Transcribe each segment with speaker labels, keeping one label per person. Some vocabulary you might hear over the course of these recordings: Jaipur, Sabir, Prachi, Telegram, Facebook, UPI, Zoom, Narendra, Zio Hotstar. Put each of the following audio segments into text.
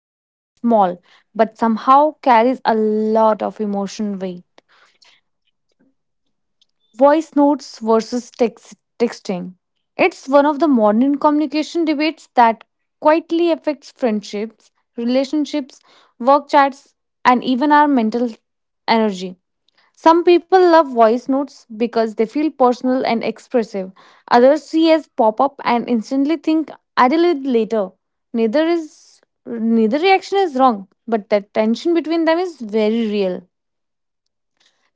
Speaker 1: That feels small but somehow carries a lot of emotion weight. Voice notes versus texting. It's one of the modern communication debates that quietly affects friendships, relationships, work chats, and even our mental energy. Some people love voice notes because they feel personal and expressive. Others see as pop up and instantly think I will it later. Neither is neither reaction is wrong, but the tension between them is very real.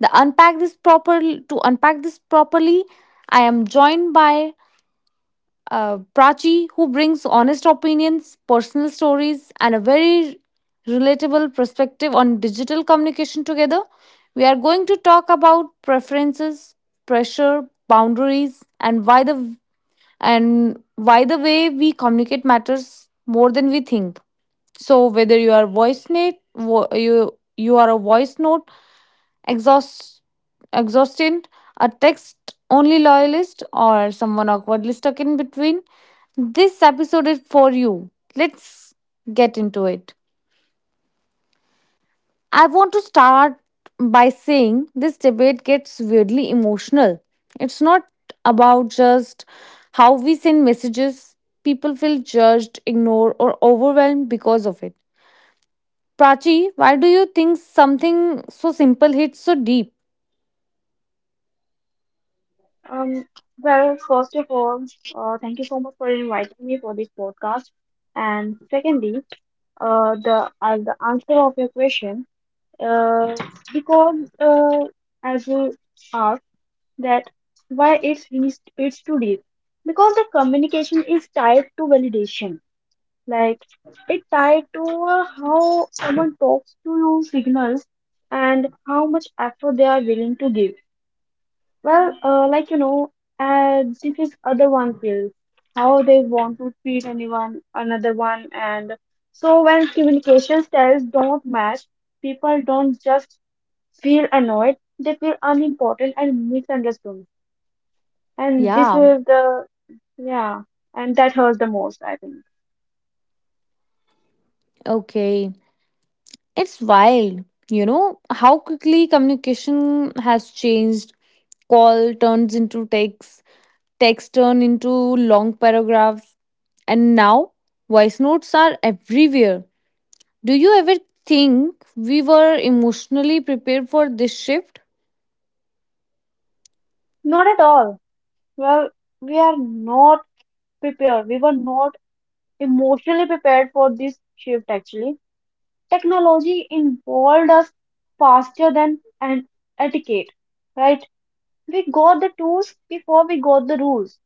Speaker 1: The unpack this proper to unpack this properly, I am joined by Prachi, who brings honest opinions, personal stories, and a very relatable perspective on digital communication together. We are going to talk about preferences, pressure, boundaries, and why the way we communicate matters more than we think. So whether you are voice note, vo- you are a voice note Exhaust, exhaustion, a text only loyalist, or someone awkwardly stuck in between. This episode is for you. Let's get into it. I want to start by saying this debate gets weirdly emotional. It's not about just how we send messages, people feel judged, ignored, or overwhelmed because of it. Prachi, why do you think something so simple hits so deep?
Speaker 2: Um, well, first of all, thank you so much for inviting me for this podcast. And secondly, the answer of your question, uh, because as you asked that why it's too deep, because the communication is tied to validation. Like it tied to how someone talks to you signals and how much effort they are willing to give. Well, like, this is other one feels how they want to treat anyone, another one, and so when communication styles don't match, people don't just feel annoyed; they feel unimportant and misunderstood, and this
Speaker 1: Yeah,
Speaker 2: is the yeah, and that hurts the most, I think.
Speaker 1: okay. It's wild, you know, how quickly communication has changed. Call turns into text, text turn into long paragraphs, and now voice notes are everywhere. Do you ever think we were emotionally prepared for this shift?
Speaker 2: Not at all. Well, we are not prepared. We were not emotionally prepared for this shift. Actually, technology involved us faster than an etiquette, right? We got the tools before we got the rules.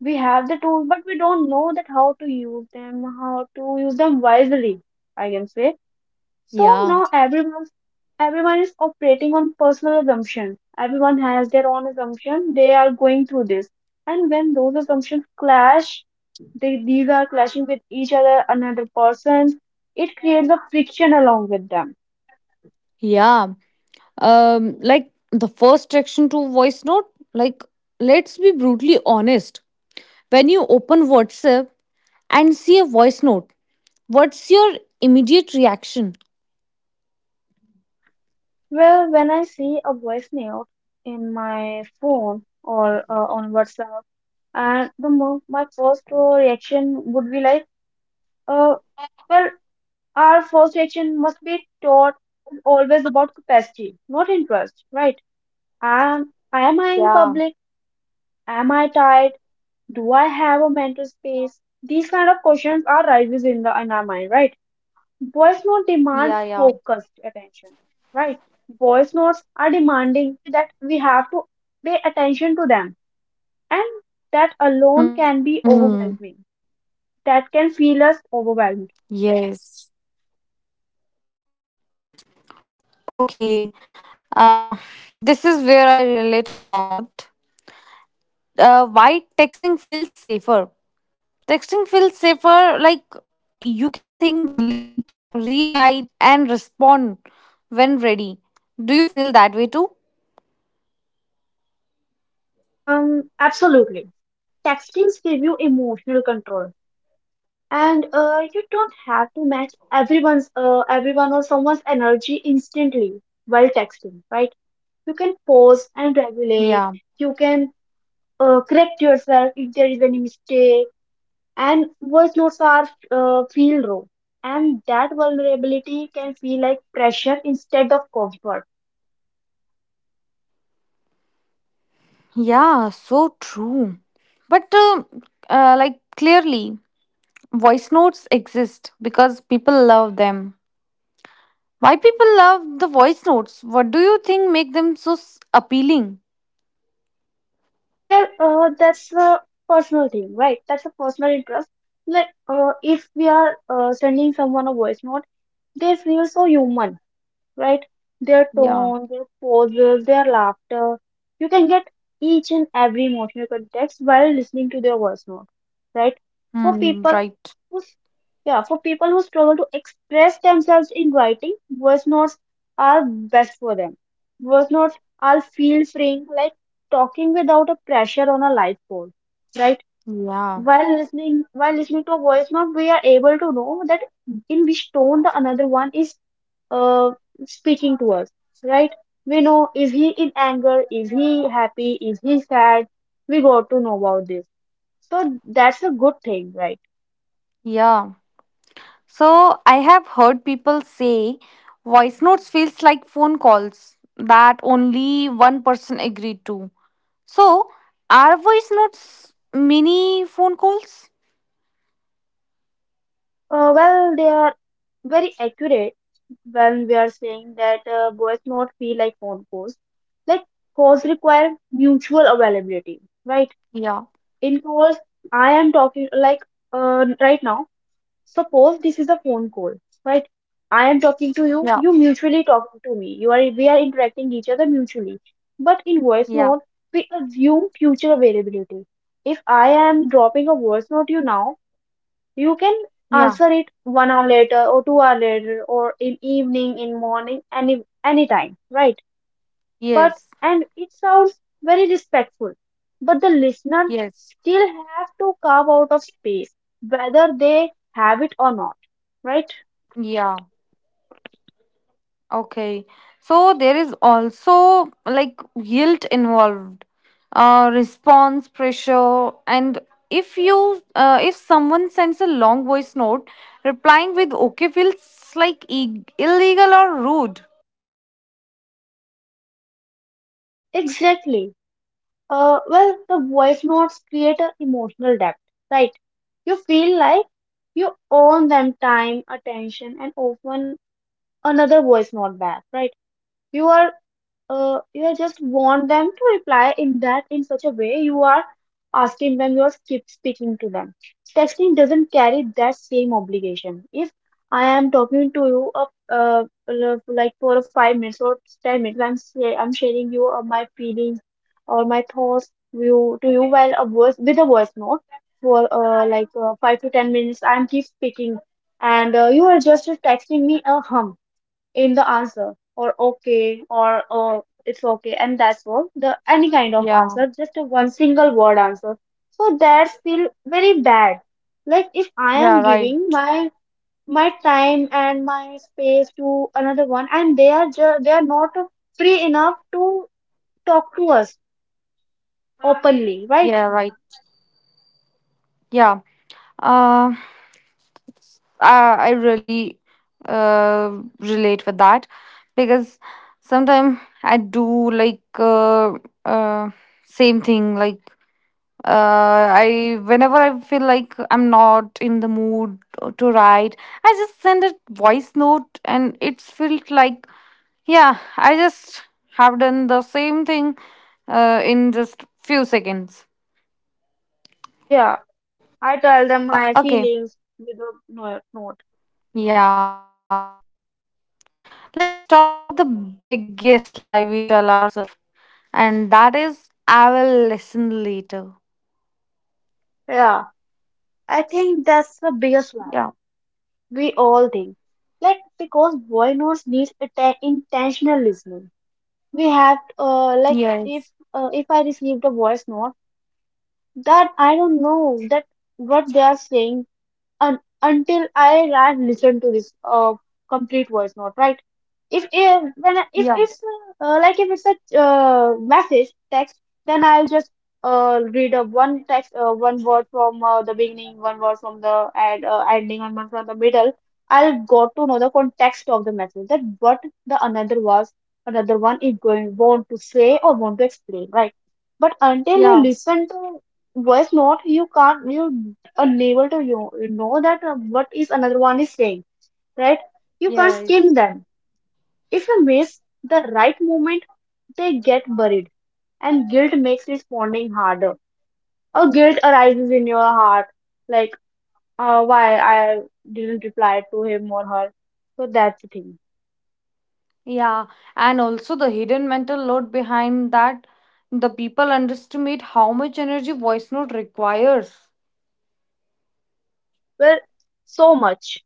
Speaker 2: We have the tools, but we don't know that how to use them, how to use them wisely, I can say. So
Speaker 1: Yeah,
Speaker 2: now everyone is operating on personal assumption. Everyone has their own assumption. They are going through this. And when those assumptions clash, these are clashing with each other, another person's, it creates a friction along with them.
Speaker 1: yeah. Like the first reaction to voice note, like let's be brutally honest. When you open WhatsApp and see a voice note, what's your immediate reaction?
Speaker 2: Well, when I see a voice note in my phone or on WhatsApp, and the mo my first reaction would be like, uh, well, our first reaction must be taught is always about capacity, not interest, right? Am
Speaker 1: Yeah,
Speaker 2: am I in public? Am I tired? Do I have a mental space? These kind of questions are rises in the in our mind, right? Voice note demands focused
Speaker 1: yeah, yeah.
Speaker 2: attention, right? Voice notes are demanding that we have to pay attention to them, and that alone can be overwhelming.
Speaker 1: Hmm.
Speaker 2: That can feel us overwhelmed.
Speaker 1: Yes. Okay. Uh, this is where I relate a lot. Why texting feels safer? Texting feels safer, like you can think, delete, rewrite, and respond when ready. Do you feel that way too?
Speaker 2: Absolutely, textings give you emotional control, and you don't have to match everyone or someone's energy instantly while texting, right? You can pause and
Speaker 1: Yeah,
Speaker 2: regulate. You can correct yourself if there is any mistake. And voice notes are feel raw, and that vulnerability can feel like pressure instead of comfort.
Speaker 1: yeah, so true. But like clearly, voice notes exist because people love them. Why people love the voice notes? What do you think make them so appealing?
Speaker 2: Well, that's a personal thing, right? That's a personal interest. Like, if we are sending someone a voice note, they feel so human, right? Their tone,
Speaker 1: Yeah.
Speaker 2: their poses, their laughter. You can get each and every emotional context while listening to their voice note, right? For people
Speaker 1: Hmm, right.
Speaker 2: who, yeah, for people who struggle to express themselves in writing, voice notes are best for them. Voice notes are feel freeing, like talking without a pressure on a life goal, right?
Speaker 1: Yeah.
Speaker 2: While listening to a voice note, we are able to know that in which tone the another one is uh, speaking to us, right? We know, is he in anger, is he happy, is he sad? We got to know about this. So that's a good thing, right?
Speaker 1: Yeah. So I have heard people say voice notes feels like phone calls that only one person agreed to. So are voice notes mini phone calls?
Speaker 2: Well, they are very accurate when we are saying that voice note feel like phone calls. Like, calls require mutual availability, right?
Speaker 1: Yeah.
Speaker 2: In calls, I am talking like, right now. Suppose this is a phone call, right? I am talking to
Speaker 1: Yeah.
Speaker 2: you, you mutually talking to me. You are we are interacting each other mutually. But in
Speaker 1: Yeah.
Speaker 2: voice note, we assume future availability. If I am dropping a voice note you now, you can
Speaker 1: Yeah.
Speaker 2: answer it 1 hour later or 2 hour later or in evening, in morning, any time, right?
Speaker 1: Yes.
Speaker 2: but and it sounds very respectful, but the listener
Speaker 1: Yes.
Speaker 2: still have to carve out of space whether they have it or not, right?
Speaker 1: Yeah. Okay, so there is also like guilt involved, response pressure, and if someone sends a long voice note, replying with okay feels like illegal or rude.
Speaker 2: Exactly. Well, the voice notes create an emotional depth, right? You feel like you own them time, attention, and often another voice note back, right? You are uh, you just want them to reply in that in such a way. You are asking them, you're keep speaking to them. Texting doesn't carry that same obligation. If I am talking to you of, uh, like, for a 5 minutes or 10 minutes, I'm sharing you my feelings or my thoughts to you, while a voice with a voice note for 5 to 10 minutes, I'm keep speaking, and you are just texting me a hum in the answer, or okay, or oh it's okay, and that's all the any kind of
Speaker 1: Yeah,
Speaker 2: answer, just a one single word answer. So that's feel very bad. Like, if I
Speaker 1: yeah,
Speaker 2: am
Speaker 1: right.
Speaker 2: giving my time and my space to another one, and they are not free enough to talk to us openly, right?
Speaker 1: Yeah, right. Yeah. Uh, I really uh, relate with that because sometimes I do like uh, same thing like I whenever I feel like I'm not in the mood to write, I just send a voice note, and it's felt like yeah, I just have done the same thing in just few seconds.
Speaker 2: Yeah, I
Speaker 1: Okay,
Speaker 2: tell them my feelings with a note.
Speaker 1: yeah, let's talk about the biggest lie we tell ourselves, and that is I will listen later.
Speaker 2: Yeah, I think that's
Speaker 1: Yeah.
Speaker 2: the biggest lie we all think. Like, because boy notes needs atta intentional listening. We have,
Speaker 1: Yes.
Speaker 2: like, if if I received a voice note, that I don't know that what they are saying un until I had listened to this complete voice note, right? If when I-
Speaker 1: Yeah.
Speaker 2: if it's like, if it's a, message text, then I'll just read a one text, one word from the beginning, one word from the and ending, and one from the middle. I'll got to know the context of the message, that what the another one is going want to say or want to explain, right? But until you
Speaker 1: Yeah.
Speaker 2: listen to voice note, you can't you unable to, you know, that what is another one is saying, right? You can't
Speaker 1: Yes.
Speaker 2: skim them. If you miss the right moment, they get buried, and guilt makes responding harder. Or guilt arises in your heart, like, why I didn't reply to him or her. So that's the thing.
Speaker 1: Yeah, and also the hidden mental load behind that, the people underestimate how much energy voice note requires.
Speaker 2: Well, so much.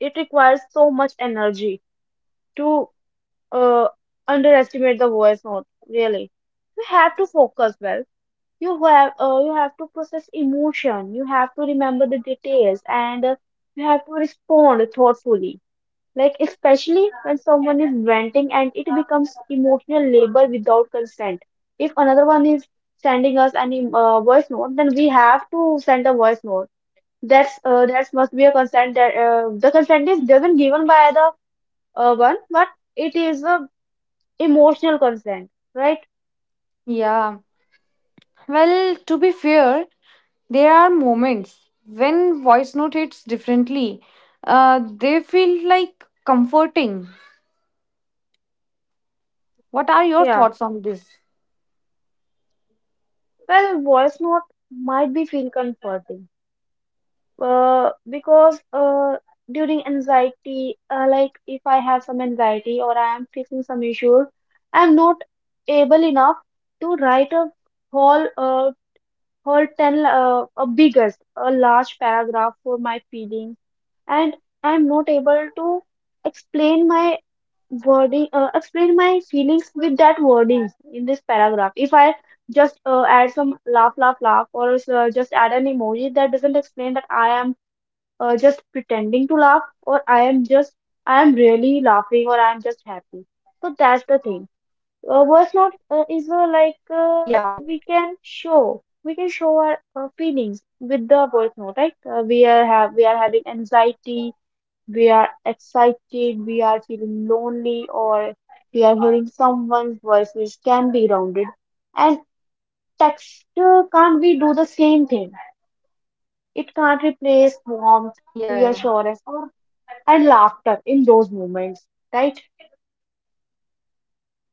Speaker 2: It requires so much energy to uh, underestimate the voice note. Really, you have to focus well. You have to process emotion. You have to remember the details, and you have to respond thoughtfully. Like, especially when someone is venting, and it becomes emotional labor without consent. If another one is sending us any voice note, then we have to send a voice note. That must be a consent, that the consent is doesn't given by the one, but it is a emotional consent, right?
Speaker 1: Yeah, well, to be fair, there are moments when voice note hits differently. They feel like comforting. What are your
Speaker 2: Yeah.
Speaker 1: thoughts on this?
Speaker 2: Well, voice note might be feel comforting, because during anxiety, like, if I have some anxiety or I am facing some issues, I am not able enough to write a whole, uh, whole ten, a biggest, a large paragraph for my feelings, and I am not able to explain my wording, explain my feelings with that wording in this paragraph. If I just add some laugh, laugh, laugh, or just add an emoji, that doesn't explain that I am just pretending to laugh, or I am really laughing, or I am just happy. So that's the thing. Words not,
Speaker 1: Yeah,
Speaker 2: is, like, we can show our feelings with the voice note, right? We are having anxiety, we are excited, we are feeling lonely, or we are hearing someone's voices can be rounded, and text can't we do the same thing. It can't
Speaker 1: yeah,
Speaker 2: replace warmth, reassurance, or and laughter in those moments, right?
Speaker 1: yes.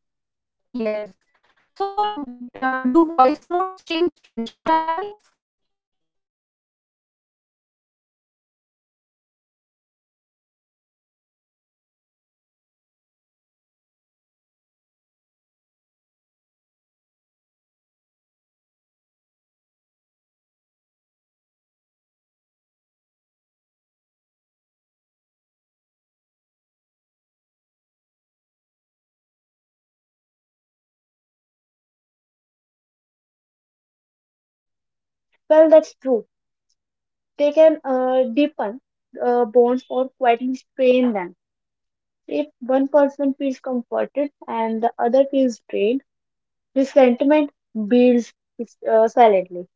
Speaker 1: So, do voice notes change friendship dynamics? What do you think? Uh,
Speaker 2: Well, that's true. They can deepen bonds or quietly strain them. If one person feels comforted and the other feels drained, resentment builds silently.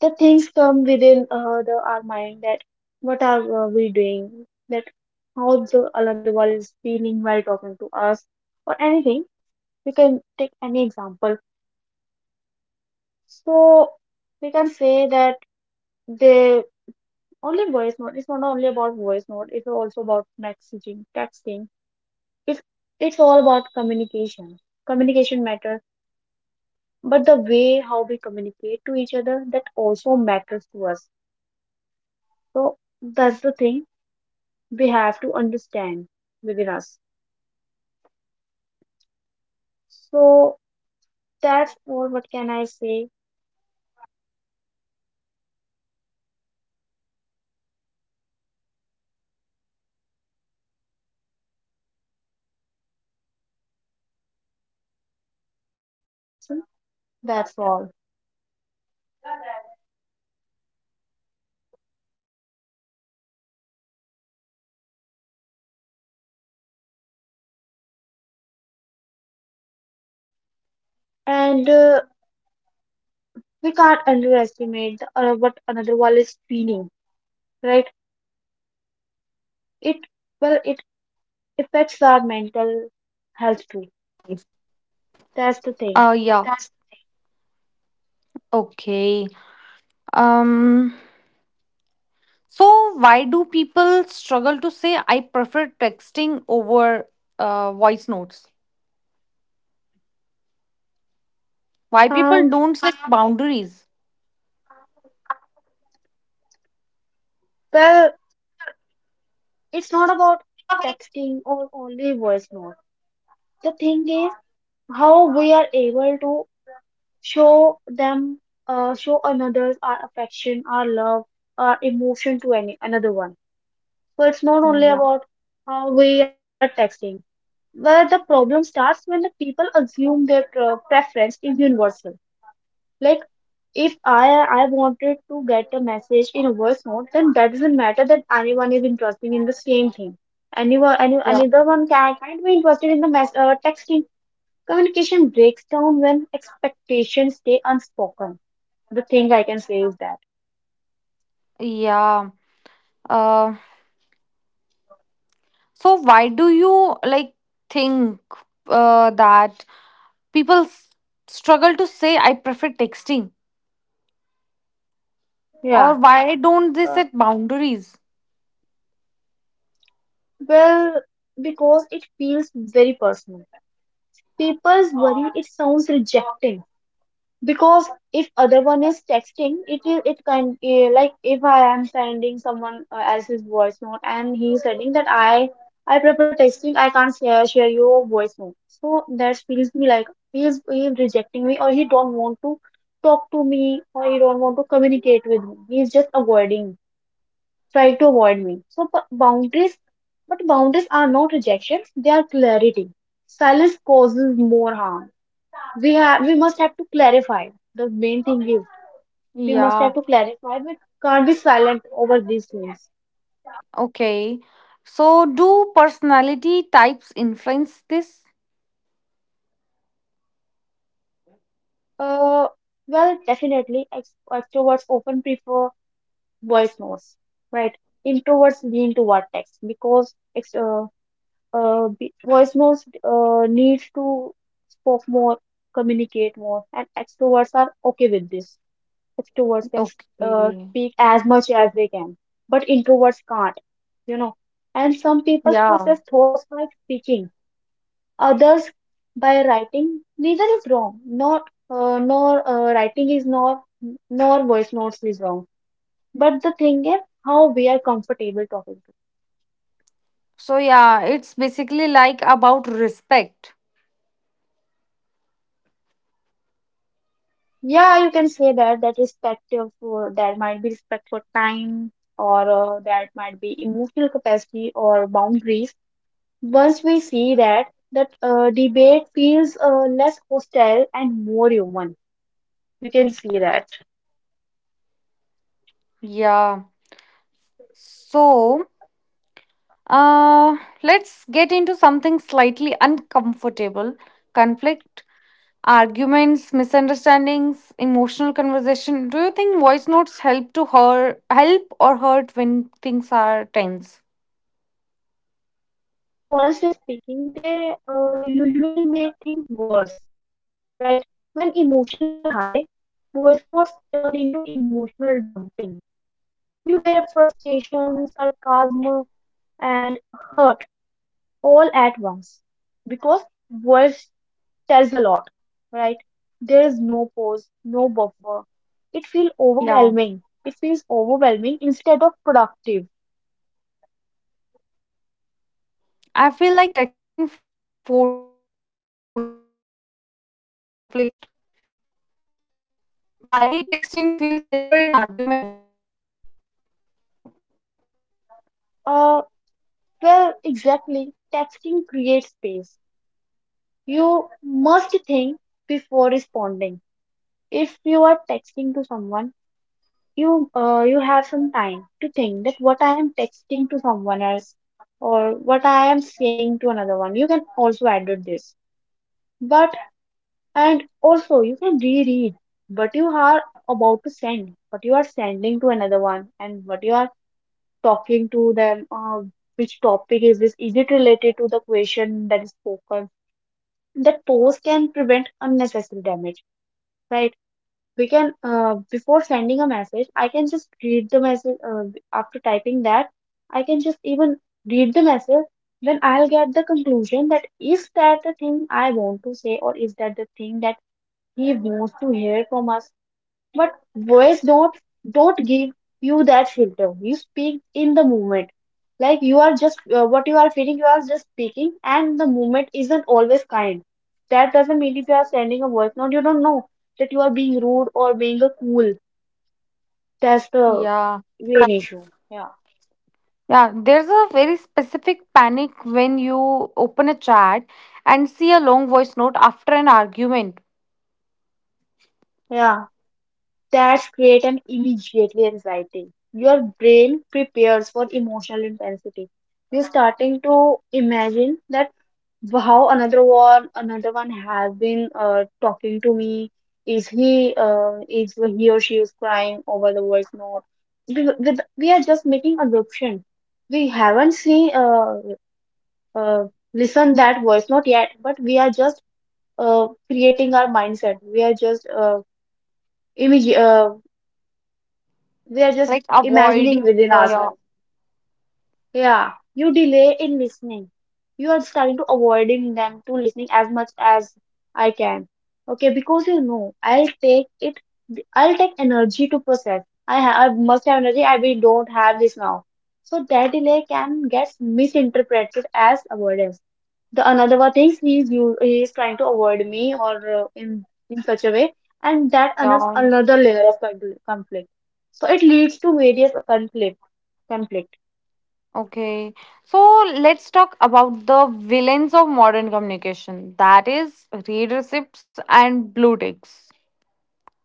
Speaker 2: The things come within our mind, that what are we doing, that how the another one is feeling while talking to us, or anything. We can take any example. So we can say that they only voice note. It's not only about voice note. It's also about messaging, texting. It's it's all about communication. Communication matters, but the way how we communicate to each other, that also matters to us. So that's the thing we have to understand within us. So that's all. What can I say? That's all. And, we can't underestimate the, what another one is feeling, right? it well it affects our mental health too. That's the thing.
Speaker 1: Yeah. Okay. Um, so why do people struggle to say I prefer texting over voice notes? Why people
Speaker 2: um
Speaker 1: don't set boundaries?
Speaker 2: well it's not about texting or only voice note. The thing is how we are able to show them show another our affection, our love, our emotion to any another one. So it's not only about how we are texting. Where the problem starts, when the people assume their preference is universal. Like, if I wanted to get a message in a voice note, then that doesn't matter that anyone is interested in the same thing. Anyone, any, another one can't be interested in the texting. Communication breaks down when expectations stay unspoken. The thing I can say is that.
Speaker 1: Yeah. Uh, so why do you like think that people struggle to say I prefer texting
Speaker 2: Yeah.
Speaker 1: or why don't they
Speaker 2: Uh,
Speaker 1: set boundaries?
Speaker 2: well, because it feels very personal. People's worry, it sounds rejecting because if other one is texting, it can like if I am sending someone else's voice note and he is sending that I prefer texting, I can't share your voice note, so that feels me like he's rejecting me, or he don't want to talk to me, or he don't want to communicate with me, he's just avoiding trying to avoid me. So, but boundaries are not rejections, they are clarity. Silence causes more harm. We must have to clarify. The main thing is we must
Speaker 1: Yeah.
Speaker 2: have to clarify. We can't be silent over these things.
Speaker 1: Okay. So do personality types influence this?
Speaker 2: Uh well, definitely extroverts often prefer voice notes, right? Introverts lean toward text, because voice notes need to spoke more, communicate more. And extroverts are okay with this. Extroverts can
Speaker 1: Okay.
Speaker 2: speak as much as they can, but introverts can't, you know. And some people
Speaker 1: Yeah.
Speaker 2: process thoughts by speaking, others by writing. Neither is wrong. Not, nor writing is nor voice notes is wrong. But the thing is how we are comfortable talking to.
Speaker 1: So, yeah, it's basically like about respect.
Speaker 2: Yeah, you can say that, that respective for that might be respect for time, or that might be emotional capacity or boundaries. Once we see that debate feels less hostile and more human. You can see that.
Speaker 1: Yeah. So, uh, let's get into something slightly uncomfortable conflict, arguments, misunderstandings, emotional conversation. Do you think voice notes help to hurt, help or hurt when things are tense?
Speaker 2: Well, honestly speaking, they usually make things worse, right? When emotions are high, voice notes turn into emotional dumping. You hear frustration, sarcasm, and hurt all at once, because voice tells a lot, right? There is no
Speaker 1: Yeah.
Speaker 2: pause, no buffer. It feels overwhelming instead of productive.
Speaker 1: I feel like texting forces you to slow down during conflict. Why texting feels safer in arguments?
Speaker 2: Uh, well, exactly. Texting creates space. You must think before responding. If you are texting to someone, you have some time to think, that what I am texting to someone else or what I am saying to another one. You can also edit this. But And also, you can reread what you are about to send, what you are sending to another one, and what you are talking to them. Which topic is this? Is it related to the question that is spoken? That pause can prevent unnecessary damage, right? We can, before sending a message, I can just read the message. After typing that, I can just even read the message. Then I'll get the conclusion, that is that the thing I want to say, or is that the thing that he wants to hear from us. But voice don't give you that filter. You speak in the moment, like you are just what you are feeling. You are just speaking, and the moment isn't always kind. That doesn't mean if you are sending a voice note, you don't know that you are being rude or being a cool. That's
Speaker 1: Yeah.
Speaker 2: the main issue. Yeah,
Speaker 1: Yeah, there's a very specific panic when you open a chat and see a long voice note after an argument,
Speaker 2: yeah. That's create an immediately anxiety. Your brain prepares for emotional intensity. You're starting to imagine that. How another one, has been talking to me. Is he or she is crying over the voice note? We are just making assumption. We haven't seen, uh, listened that voice note yet, but we are just creating our mindset. We are just image, uh, we are just
Speaker 1: like
Speaker 2: imagining
Speaker 1: avoiding
Speaker 2: within
Speaker 1: the yeah,
Speaker 2: ourselves. Yeah, you delay in listening. You are starting to avoiding them to listening as much as I can. Okay, because I'll take it. I'll take energy to process. I must have energy. I We don't have this now. So that delay can get misinterpreted as avoidance. The another one thing, he is trying to avoid me, or in such a way, and that
Speaker 1: yeah.
Speaker 2: another layer of conflict. So it leads to various conflict.
Speaker 1: Okay. So let's talk about the villains of modern communication. That is readerships and blue ticks.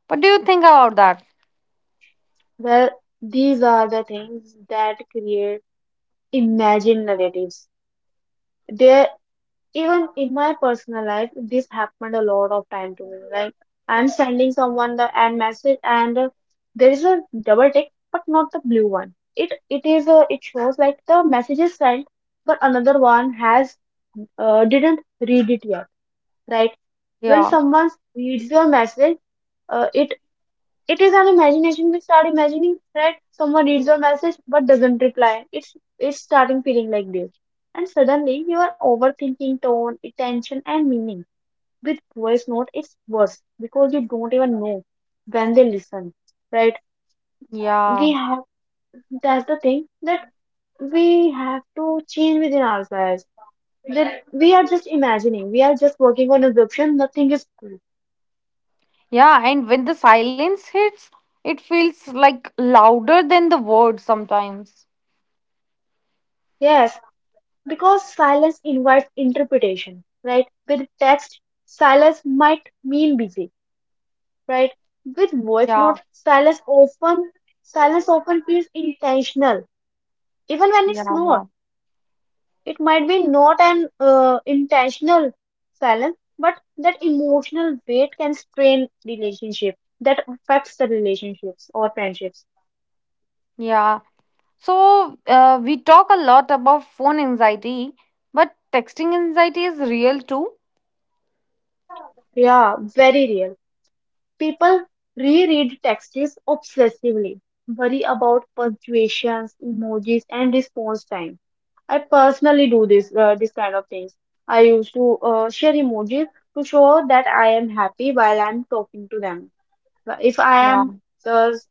Speaker 1: What do you think about that?
Speaker 2: Well, these are the things that create imagined narratives. There, even in my personal life, this happened a lot of time to me. Like, I'm sending someone the and message, and there is a double tick, but not the blue one. It is a it shows like the message is sent, but another one has didn't read it yet, right? When
Speaker 1: Yeah,
Speaker 2: someone reads your message, uh, it it is an imagination. We start imagining that someone reads your message but doesn't reply. It's starting feeling like this. And suddenly you are overthinking tone, intention, and meaning. With voice note it's worse, because you don't even know when they listen. Right?
Speaker 1: yeah,
Speaker 2: We have That's the thing that we have to change within ourselves, that we are just imagining, we are just working on assumption. Nothing is true.
Speaker 1: yeah. And when the silence hits, it feels like louder than the words sometimes.
Speaker 2: Yes, because silence invites interpretation, right? With text, silence might mean busy, right? With voice
Speaker 1: Yeah,
Speaker 2: note, silence often feels intentional, even when
Speaker 1: yeah,
Speaker 2: it's not.
Speaker 1: yeah.
Speaker 2: It might be not an intentional silence, but that emotional weight can strain relationship. That affects the relationships or friendships.
Speaker 1: Yeah. So we talk a lot about phone anxiety, but texting anxiety is real too.
Speaker 2: Yeah, very real. People reread texts obsessively, worry about punctuations, emojis, and response time. I personally do this kind of things. I used to share emojis to show that I am happy while I'm talking to them. If I
Speaker 1: Yeah.
Speaker 2: am just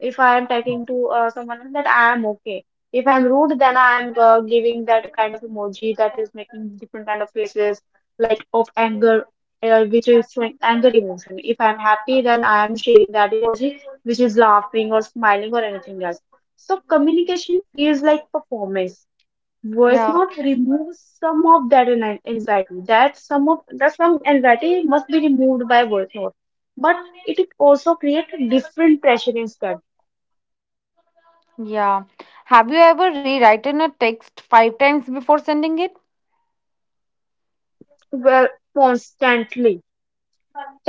Speaker 2: talking to someone else, that I am okay. If I'm rude, then I am giving that kind of emoji that is making different kind of faces, like of anger, which is showing anger emotion. If I'm happy, then I am sharing that emoji, which is laughing or smiling or anything else. So communication feels like performance. Voice
Speaker 1: Yeah.
Speaker 2: note removes some of that anxiety, that some of that, some anxiety must be removed by voice note, but it also creates different pressure instead.
Speaker 1: Yeah. Have you ever rewritten a text five times before sending it?
Speaker 2: Well, constantly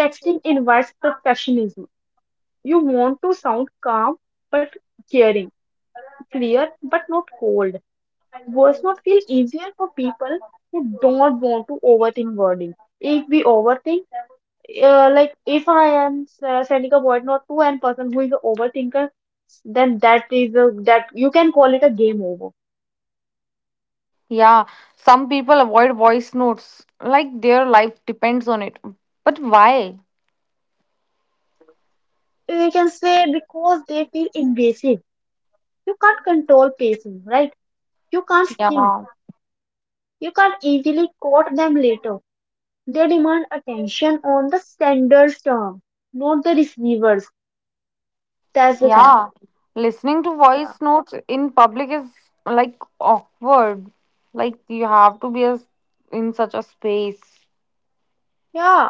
Speaker 2: texting invites perfectionism. You want to sound calm but caring, clear but not cold. Words not feel easier for people who don't want to overthink wording. If we overthink, like if I am sending a voice note to a person who is an overthinker, then that you can call it a game over.
Speaker 1: Yeah. Some people avoid voice notes like their life depends on it. But why?
Speaker 2: We can say, because they feel invasive. You can't control pacing, right? You can't think.
Speaker 1: Yeah.
Speaker 2: You can't easily quote them later. They demand attention on the sender's term, not the receiver's. That's the thing.
Speaker 1: Yeah. Listening to
Speaker 2: Yeah.
Speaker 1: voice notes in public is like awkward. Like you have to be as in such a space.
Speaker 2: Yeah.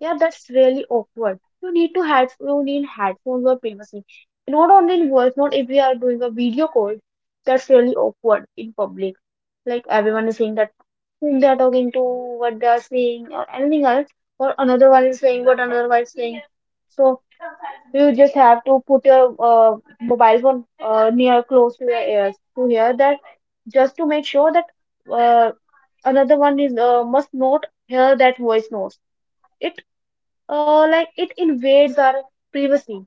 Speaker 2: Yeah, that's really awkward. You need headphones or privacy. Not only in voice, not if we are doing a video call. That's really awkward in public. Like, everyone is saying that whom they are talking to, what they are saying, or anything else, or another one is saying what another one is saying. So you just have to put your mobile phone near close to your ears to hear that, just to make sure that uh, another one is must not hear that voice notes. It like it invades our privacy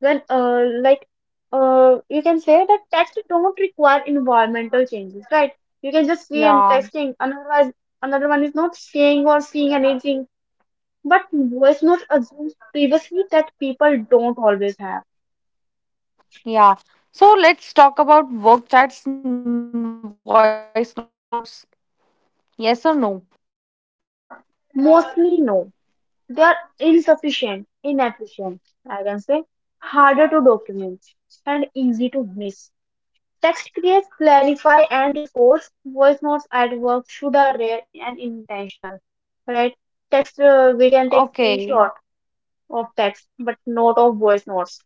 Speaker 2: when you can say that text don't require environmental changes, right? You can just see and
Speaker 1: Yeah.
Speaker 2: texting, otherwise another one is not saying or seeing anything. But voice notes assumes privacy that people don't always have.
Speaker 1: Yeah. So let's talk about work chats and voice notes. Yes or no?
Speaker 2: Mostly no, they are insufficient inefficient I can say, harder to document and easy to miss. Text creates, clarify, and reports. Voice notes at work should are rare and intentional, right? Text, we can take
Speaker 1: Okay.
Speaker 2: screenshot of text, but not of voice notes.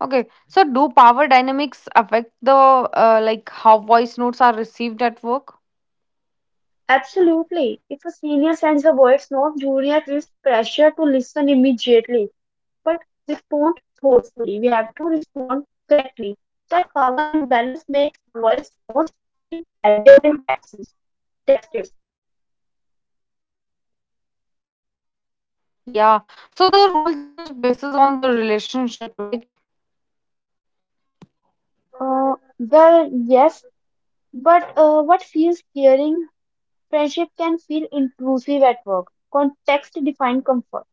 Speaker 1: Okay. So do power dynamics affect the like how voice notes are received at work?
Speaker 2: Absolutely. If a senior sends a voice note, junior feels pressure to listen immediately, but respond thoughtfully. We have to respond correctly. That power imbalance makes voice notes feel heavier than texts. Text is.
Speaker 1: Yeah. So the rule change basis on the relationship like
Speaker 2: Well, yes, but what feels clearing friendship can feel intrusive at work. Context defined comfort.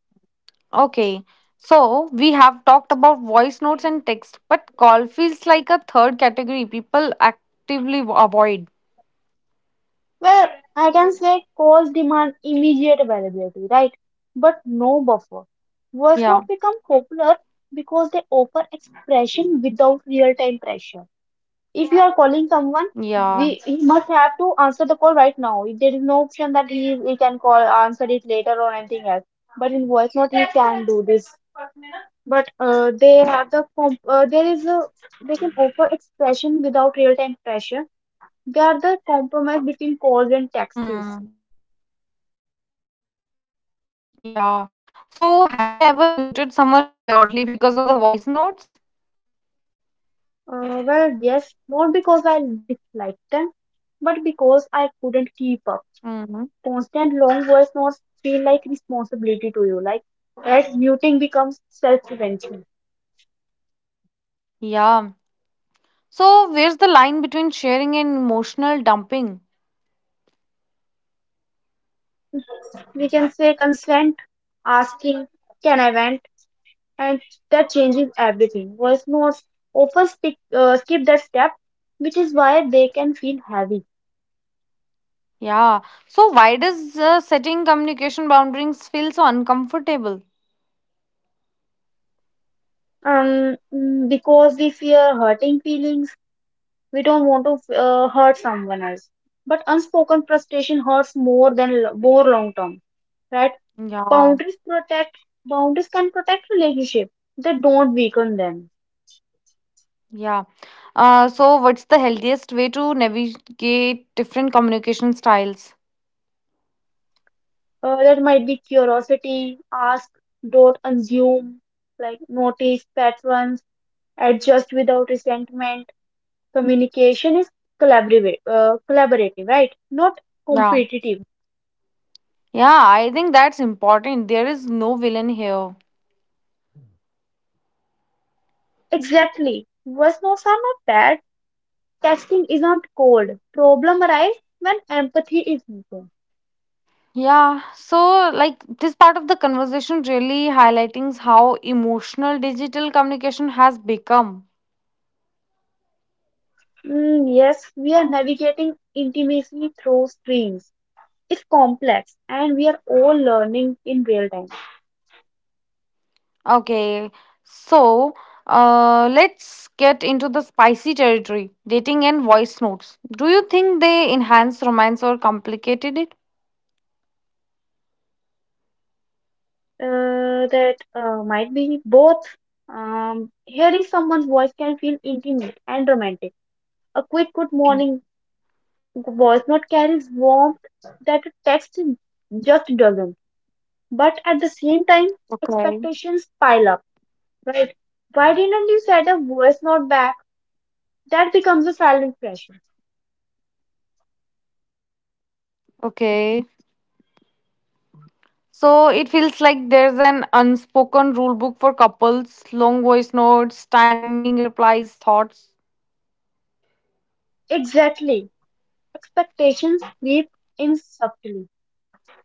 Speaker 1: okay. So we have talked about voice notes and text, but call feels like a third category people actively avoid.
Speaker 2: Well, I can say calls demand immediate availability, right? But no buffer.
Speaker 1: Yeah.
Speaker 2: Words not become popular because they offer expression without real time pressure. If you are calling someone,
Speaker 1: Yeah.
Speaker 2: we he must have to answer the call right now. If there is no option that he can call answer it later or anything else. But in voice note he can do this, but they have the comp- there is a they can offer expression without real time pressure. They are the
Speaker 1: Hmm.
Speaker 2: compromise between calls and taxis.
Speaker 1: Yeah. So, have you ever muted someone purely because of the voice notes?
Speaker 2: Well, yes, not because I dislike them, but because I
Speaker 1: Hmm.
Speaker 2: couldn't keep up. Constant long voice notes feel like responsibility to you, like that muting becomes self prevention.
Speaker 1: Yeah. So, where's the line between sharing and emotional dumping?
Speaker 2: Um, we can say consent, asking, can I vent? And that changes everything. Voice notes often skip that step, which is why they can feel heavy.
Speaker 1: Yeah. So, why does setting communication boundaries feel so uncomfortable?
Speaker 2: Because we fear hurting feelings, we don't want to hurt someone else. But unspoken frustration hurts more than more long term, right?
Speaker 1: Yeah.
Speaker 2: Boundaries protect. Boundaries can protect relationship. They don't weaken them.
Speaker 1: Yeah. So, what's the healthiest way to navigate different communication styles?
Speaker 2: That might be curiosity, ask, don't assume, like notice patterns, adjust without resentment. Communication is collaborative, collaborative, right? Not
Speaker 1: Yeah.
Speaker 2: competitive.
Speaker 1: Yeah, I think that's important. There is no villain here.
Speaker 2: Exactly. Was notes are not bad. Testing is not cold. Problem arise when empathy is missing.
Speaker 1: Yeah, so like this part of the conversation really highlighting how emotional digital communication has become.
Speaker 2: Mm, yes, we are navigating intimacy through screens. It's complex, and we are all learning in real time.
Speaker 1: Okay, so let's get into the spicy territory dating and voice notes. Do you think they enhance romance or complicated it?
Speaker 2: That might be both. Hearing someone's voice can feel intimate and romantic. A quick good
Speaker 1: Mm,
Speaker 2: morning voice note carries warmth that a text just doesn't. But at the same time, expectations pile up,
Speaker 1: okay,
Speaker 2: right? Why didn't you send a voice note back? That becomes a silent pressure.
Speaker 1: okay. So it feels like there's an unspoken rule book for couples long voice notes, timing replies, thoughts.
Speaker 2: Exactly. Expectations creep in subtly.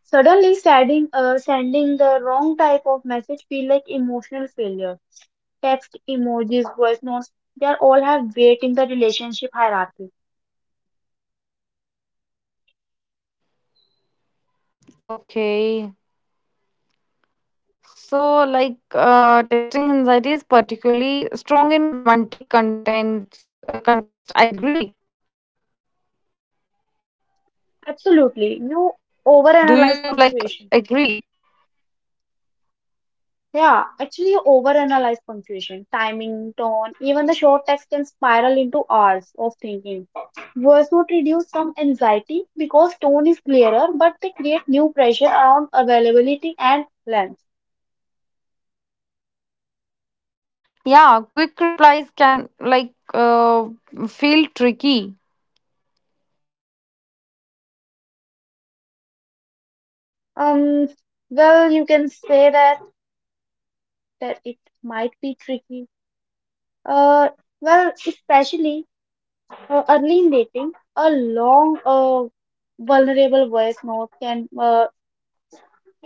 Speaker 2: Suddenly, sending the wrong type of message feel like emotional failure. Text, emojis, voice notes, they are all have weight in the relationship hierarchy.
Speaker 1: Okay. So, texting anxiety is particularly strong in romantic contents context. I agree.
Speaker 2: Absolutely. You
Speaker 1: Do
Speaker 2: overanalyze
Speaker 1: you like
Speaker 2: punctuation
Speaker 1: agree?
Speaker 2: Yeah, actually, you overanalyze punctuation, timing, tone, even the short text can spiral into hours of thinking. Words would reduce some anxiety because tone is clearer, but they create new pressure around availability and length. Um, well, you can say that it might be tricky. Uh, Especially early in dating, a long, vulnerable voice note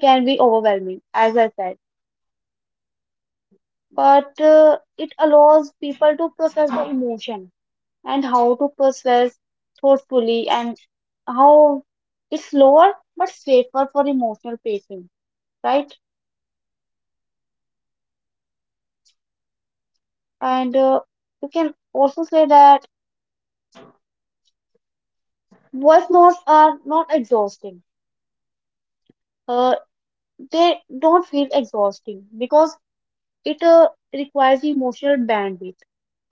Speaker 2: can be overwhelming, as I said. But it allows people to process the emotion and how to process thoughtfully and how it's slower but safer for emotional pacing, right? And you can also say that voice notes are not exhausting. Uh, they don't feel exhausting because it requires emotional bandwidth.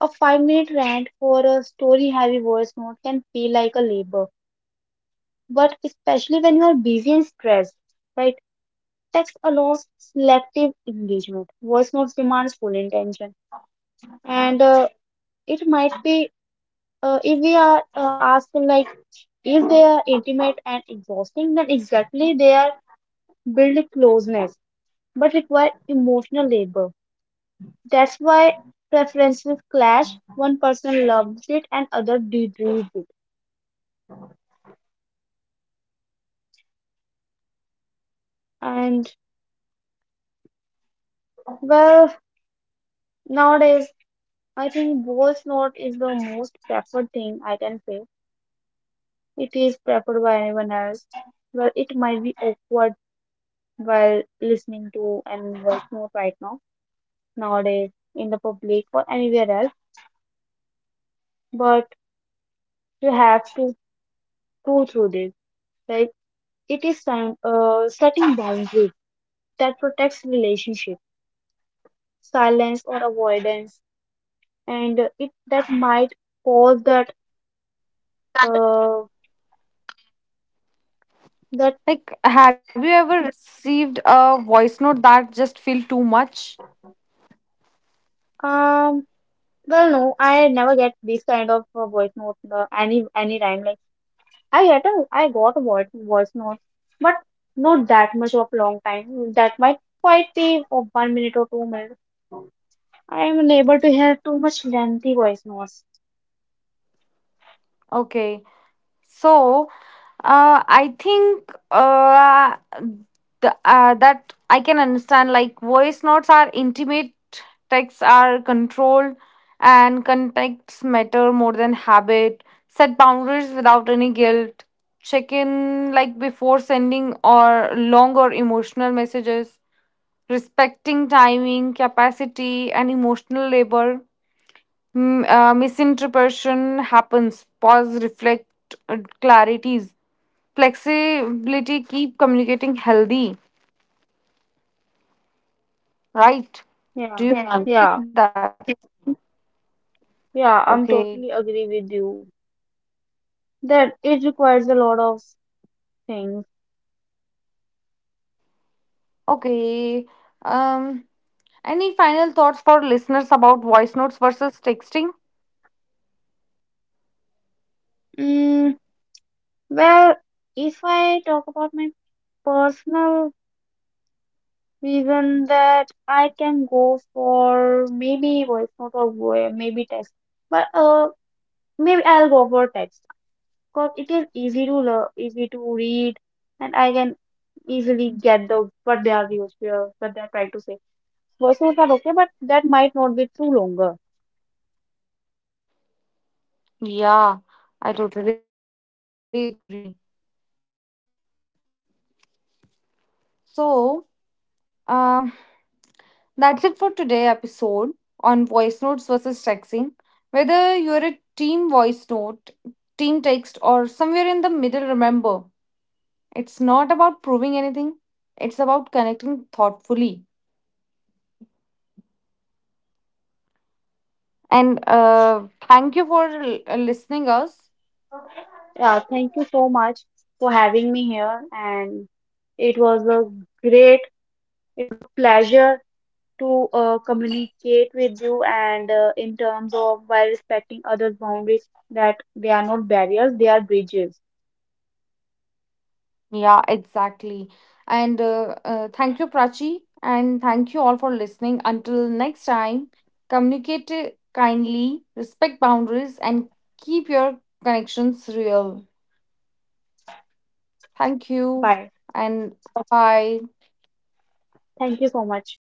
Speaker 2: A 5 minute rant for a story heavy voice note can feel like a labor but especially when you are busy and stressed, right? Text allows selective engagement. Voice notes demands full intention, and it might be if we are asked like if they are intimate and exhausting, then exactly they are build closeness but require emotional labor. That's why preferences clash. One person loves it and other degrades it, and well nowadays I think voice note is the most preferred thing I can say. It is preferred by anyone else. Well, it might be awkward while listening to an voice note right now, nowadays, in the public or anywhere else, but you have to go through this. Like, it is time, setting boundaries that protects relationship, silence or avoidance, and it that might cause that, uh, that,
Speaker 1: Like, have you ever received a voice note that just feel too much?
Speaker 2: um. Well, no, no. I never get these kind of voice notes any time. Like I got a voice note, but not that much of long time. That might quite be of 1 minute or 2 minutes. I am unable to hear too much lengthy voice notes.
Speaker 1: Okay, so I think the, that I can understand. Like, voice notes are intimate, texts are controlled, and contexts matter more than habit. Set boundaries without any guilt. Check in like before sending or long or emotional messages respecting timing, capacity, and emotional labor. M- misinterpretation happens. Pause, reflect, clarities. Flexibility, keep communicating healthy, right? Do
Speaker 2: Yeah,
Speaker 1: you Yeah. agree with
Speaker 2: yeah,
Speaker 1: that? Yeah. Okay,
Speaker 2: yeah. I'm totally agree with you that it requires a lot of things.
Speaker 1: okay. Um, any final thoughts for listeners about voice notes versus texting?
Speaker 2: Mm, well, if I talk about my personal reason that I can go for maybe voice note or maybe text, but maybe I'll go for text because it is easy to learn, easy to read, and I can easily get the what they are used to, what they are trying to say. Voice notes are okay, but that might not be too longer.
Speaker 1: Yeah, I totally agree. So, um, that's it for today episode on voice notes versus texting. Whether you're a team voice note, team text, remember it's not about proving anything, it's about connecting thoughtfully. And thank you for listening us.
Speaker 2: Yeah, thank you so much for having me here, and it was a great pleasure to communicate with you and in terms of while respecting others' boundaries that they are not barriers, they are bridges.
Speaker 1: Yeah, exactly. And thank you, Prachi. And thank you all for listening. Until next time, communicate kindly, respect boundaries, and keep your connections real. Thank you,
Speaker 2: Bye.
Speaker 1: and bye bye.
Speaker 2: Thank you so much.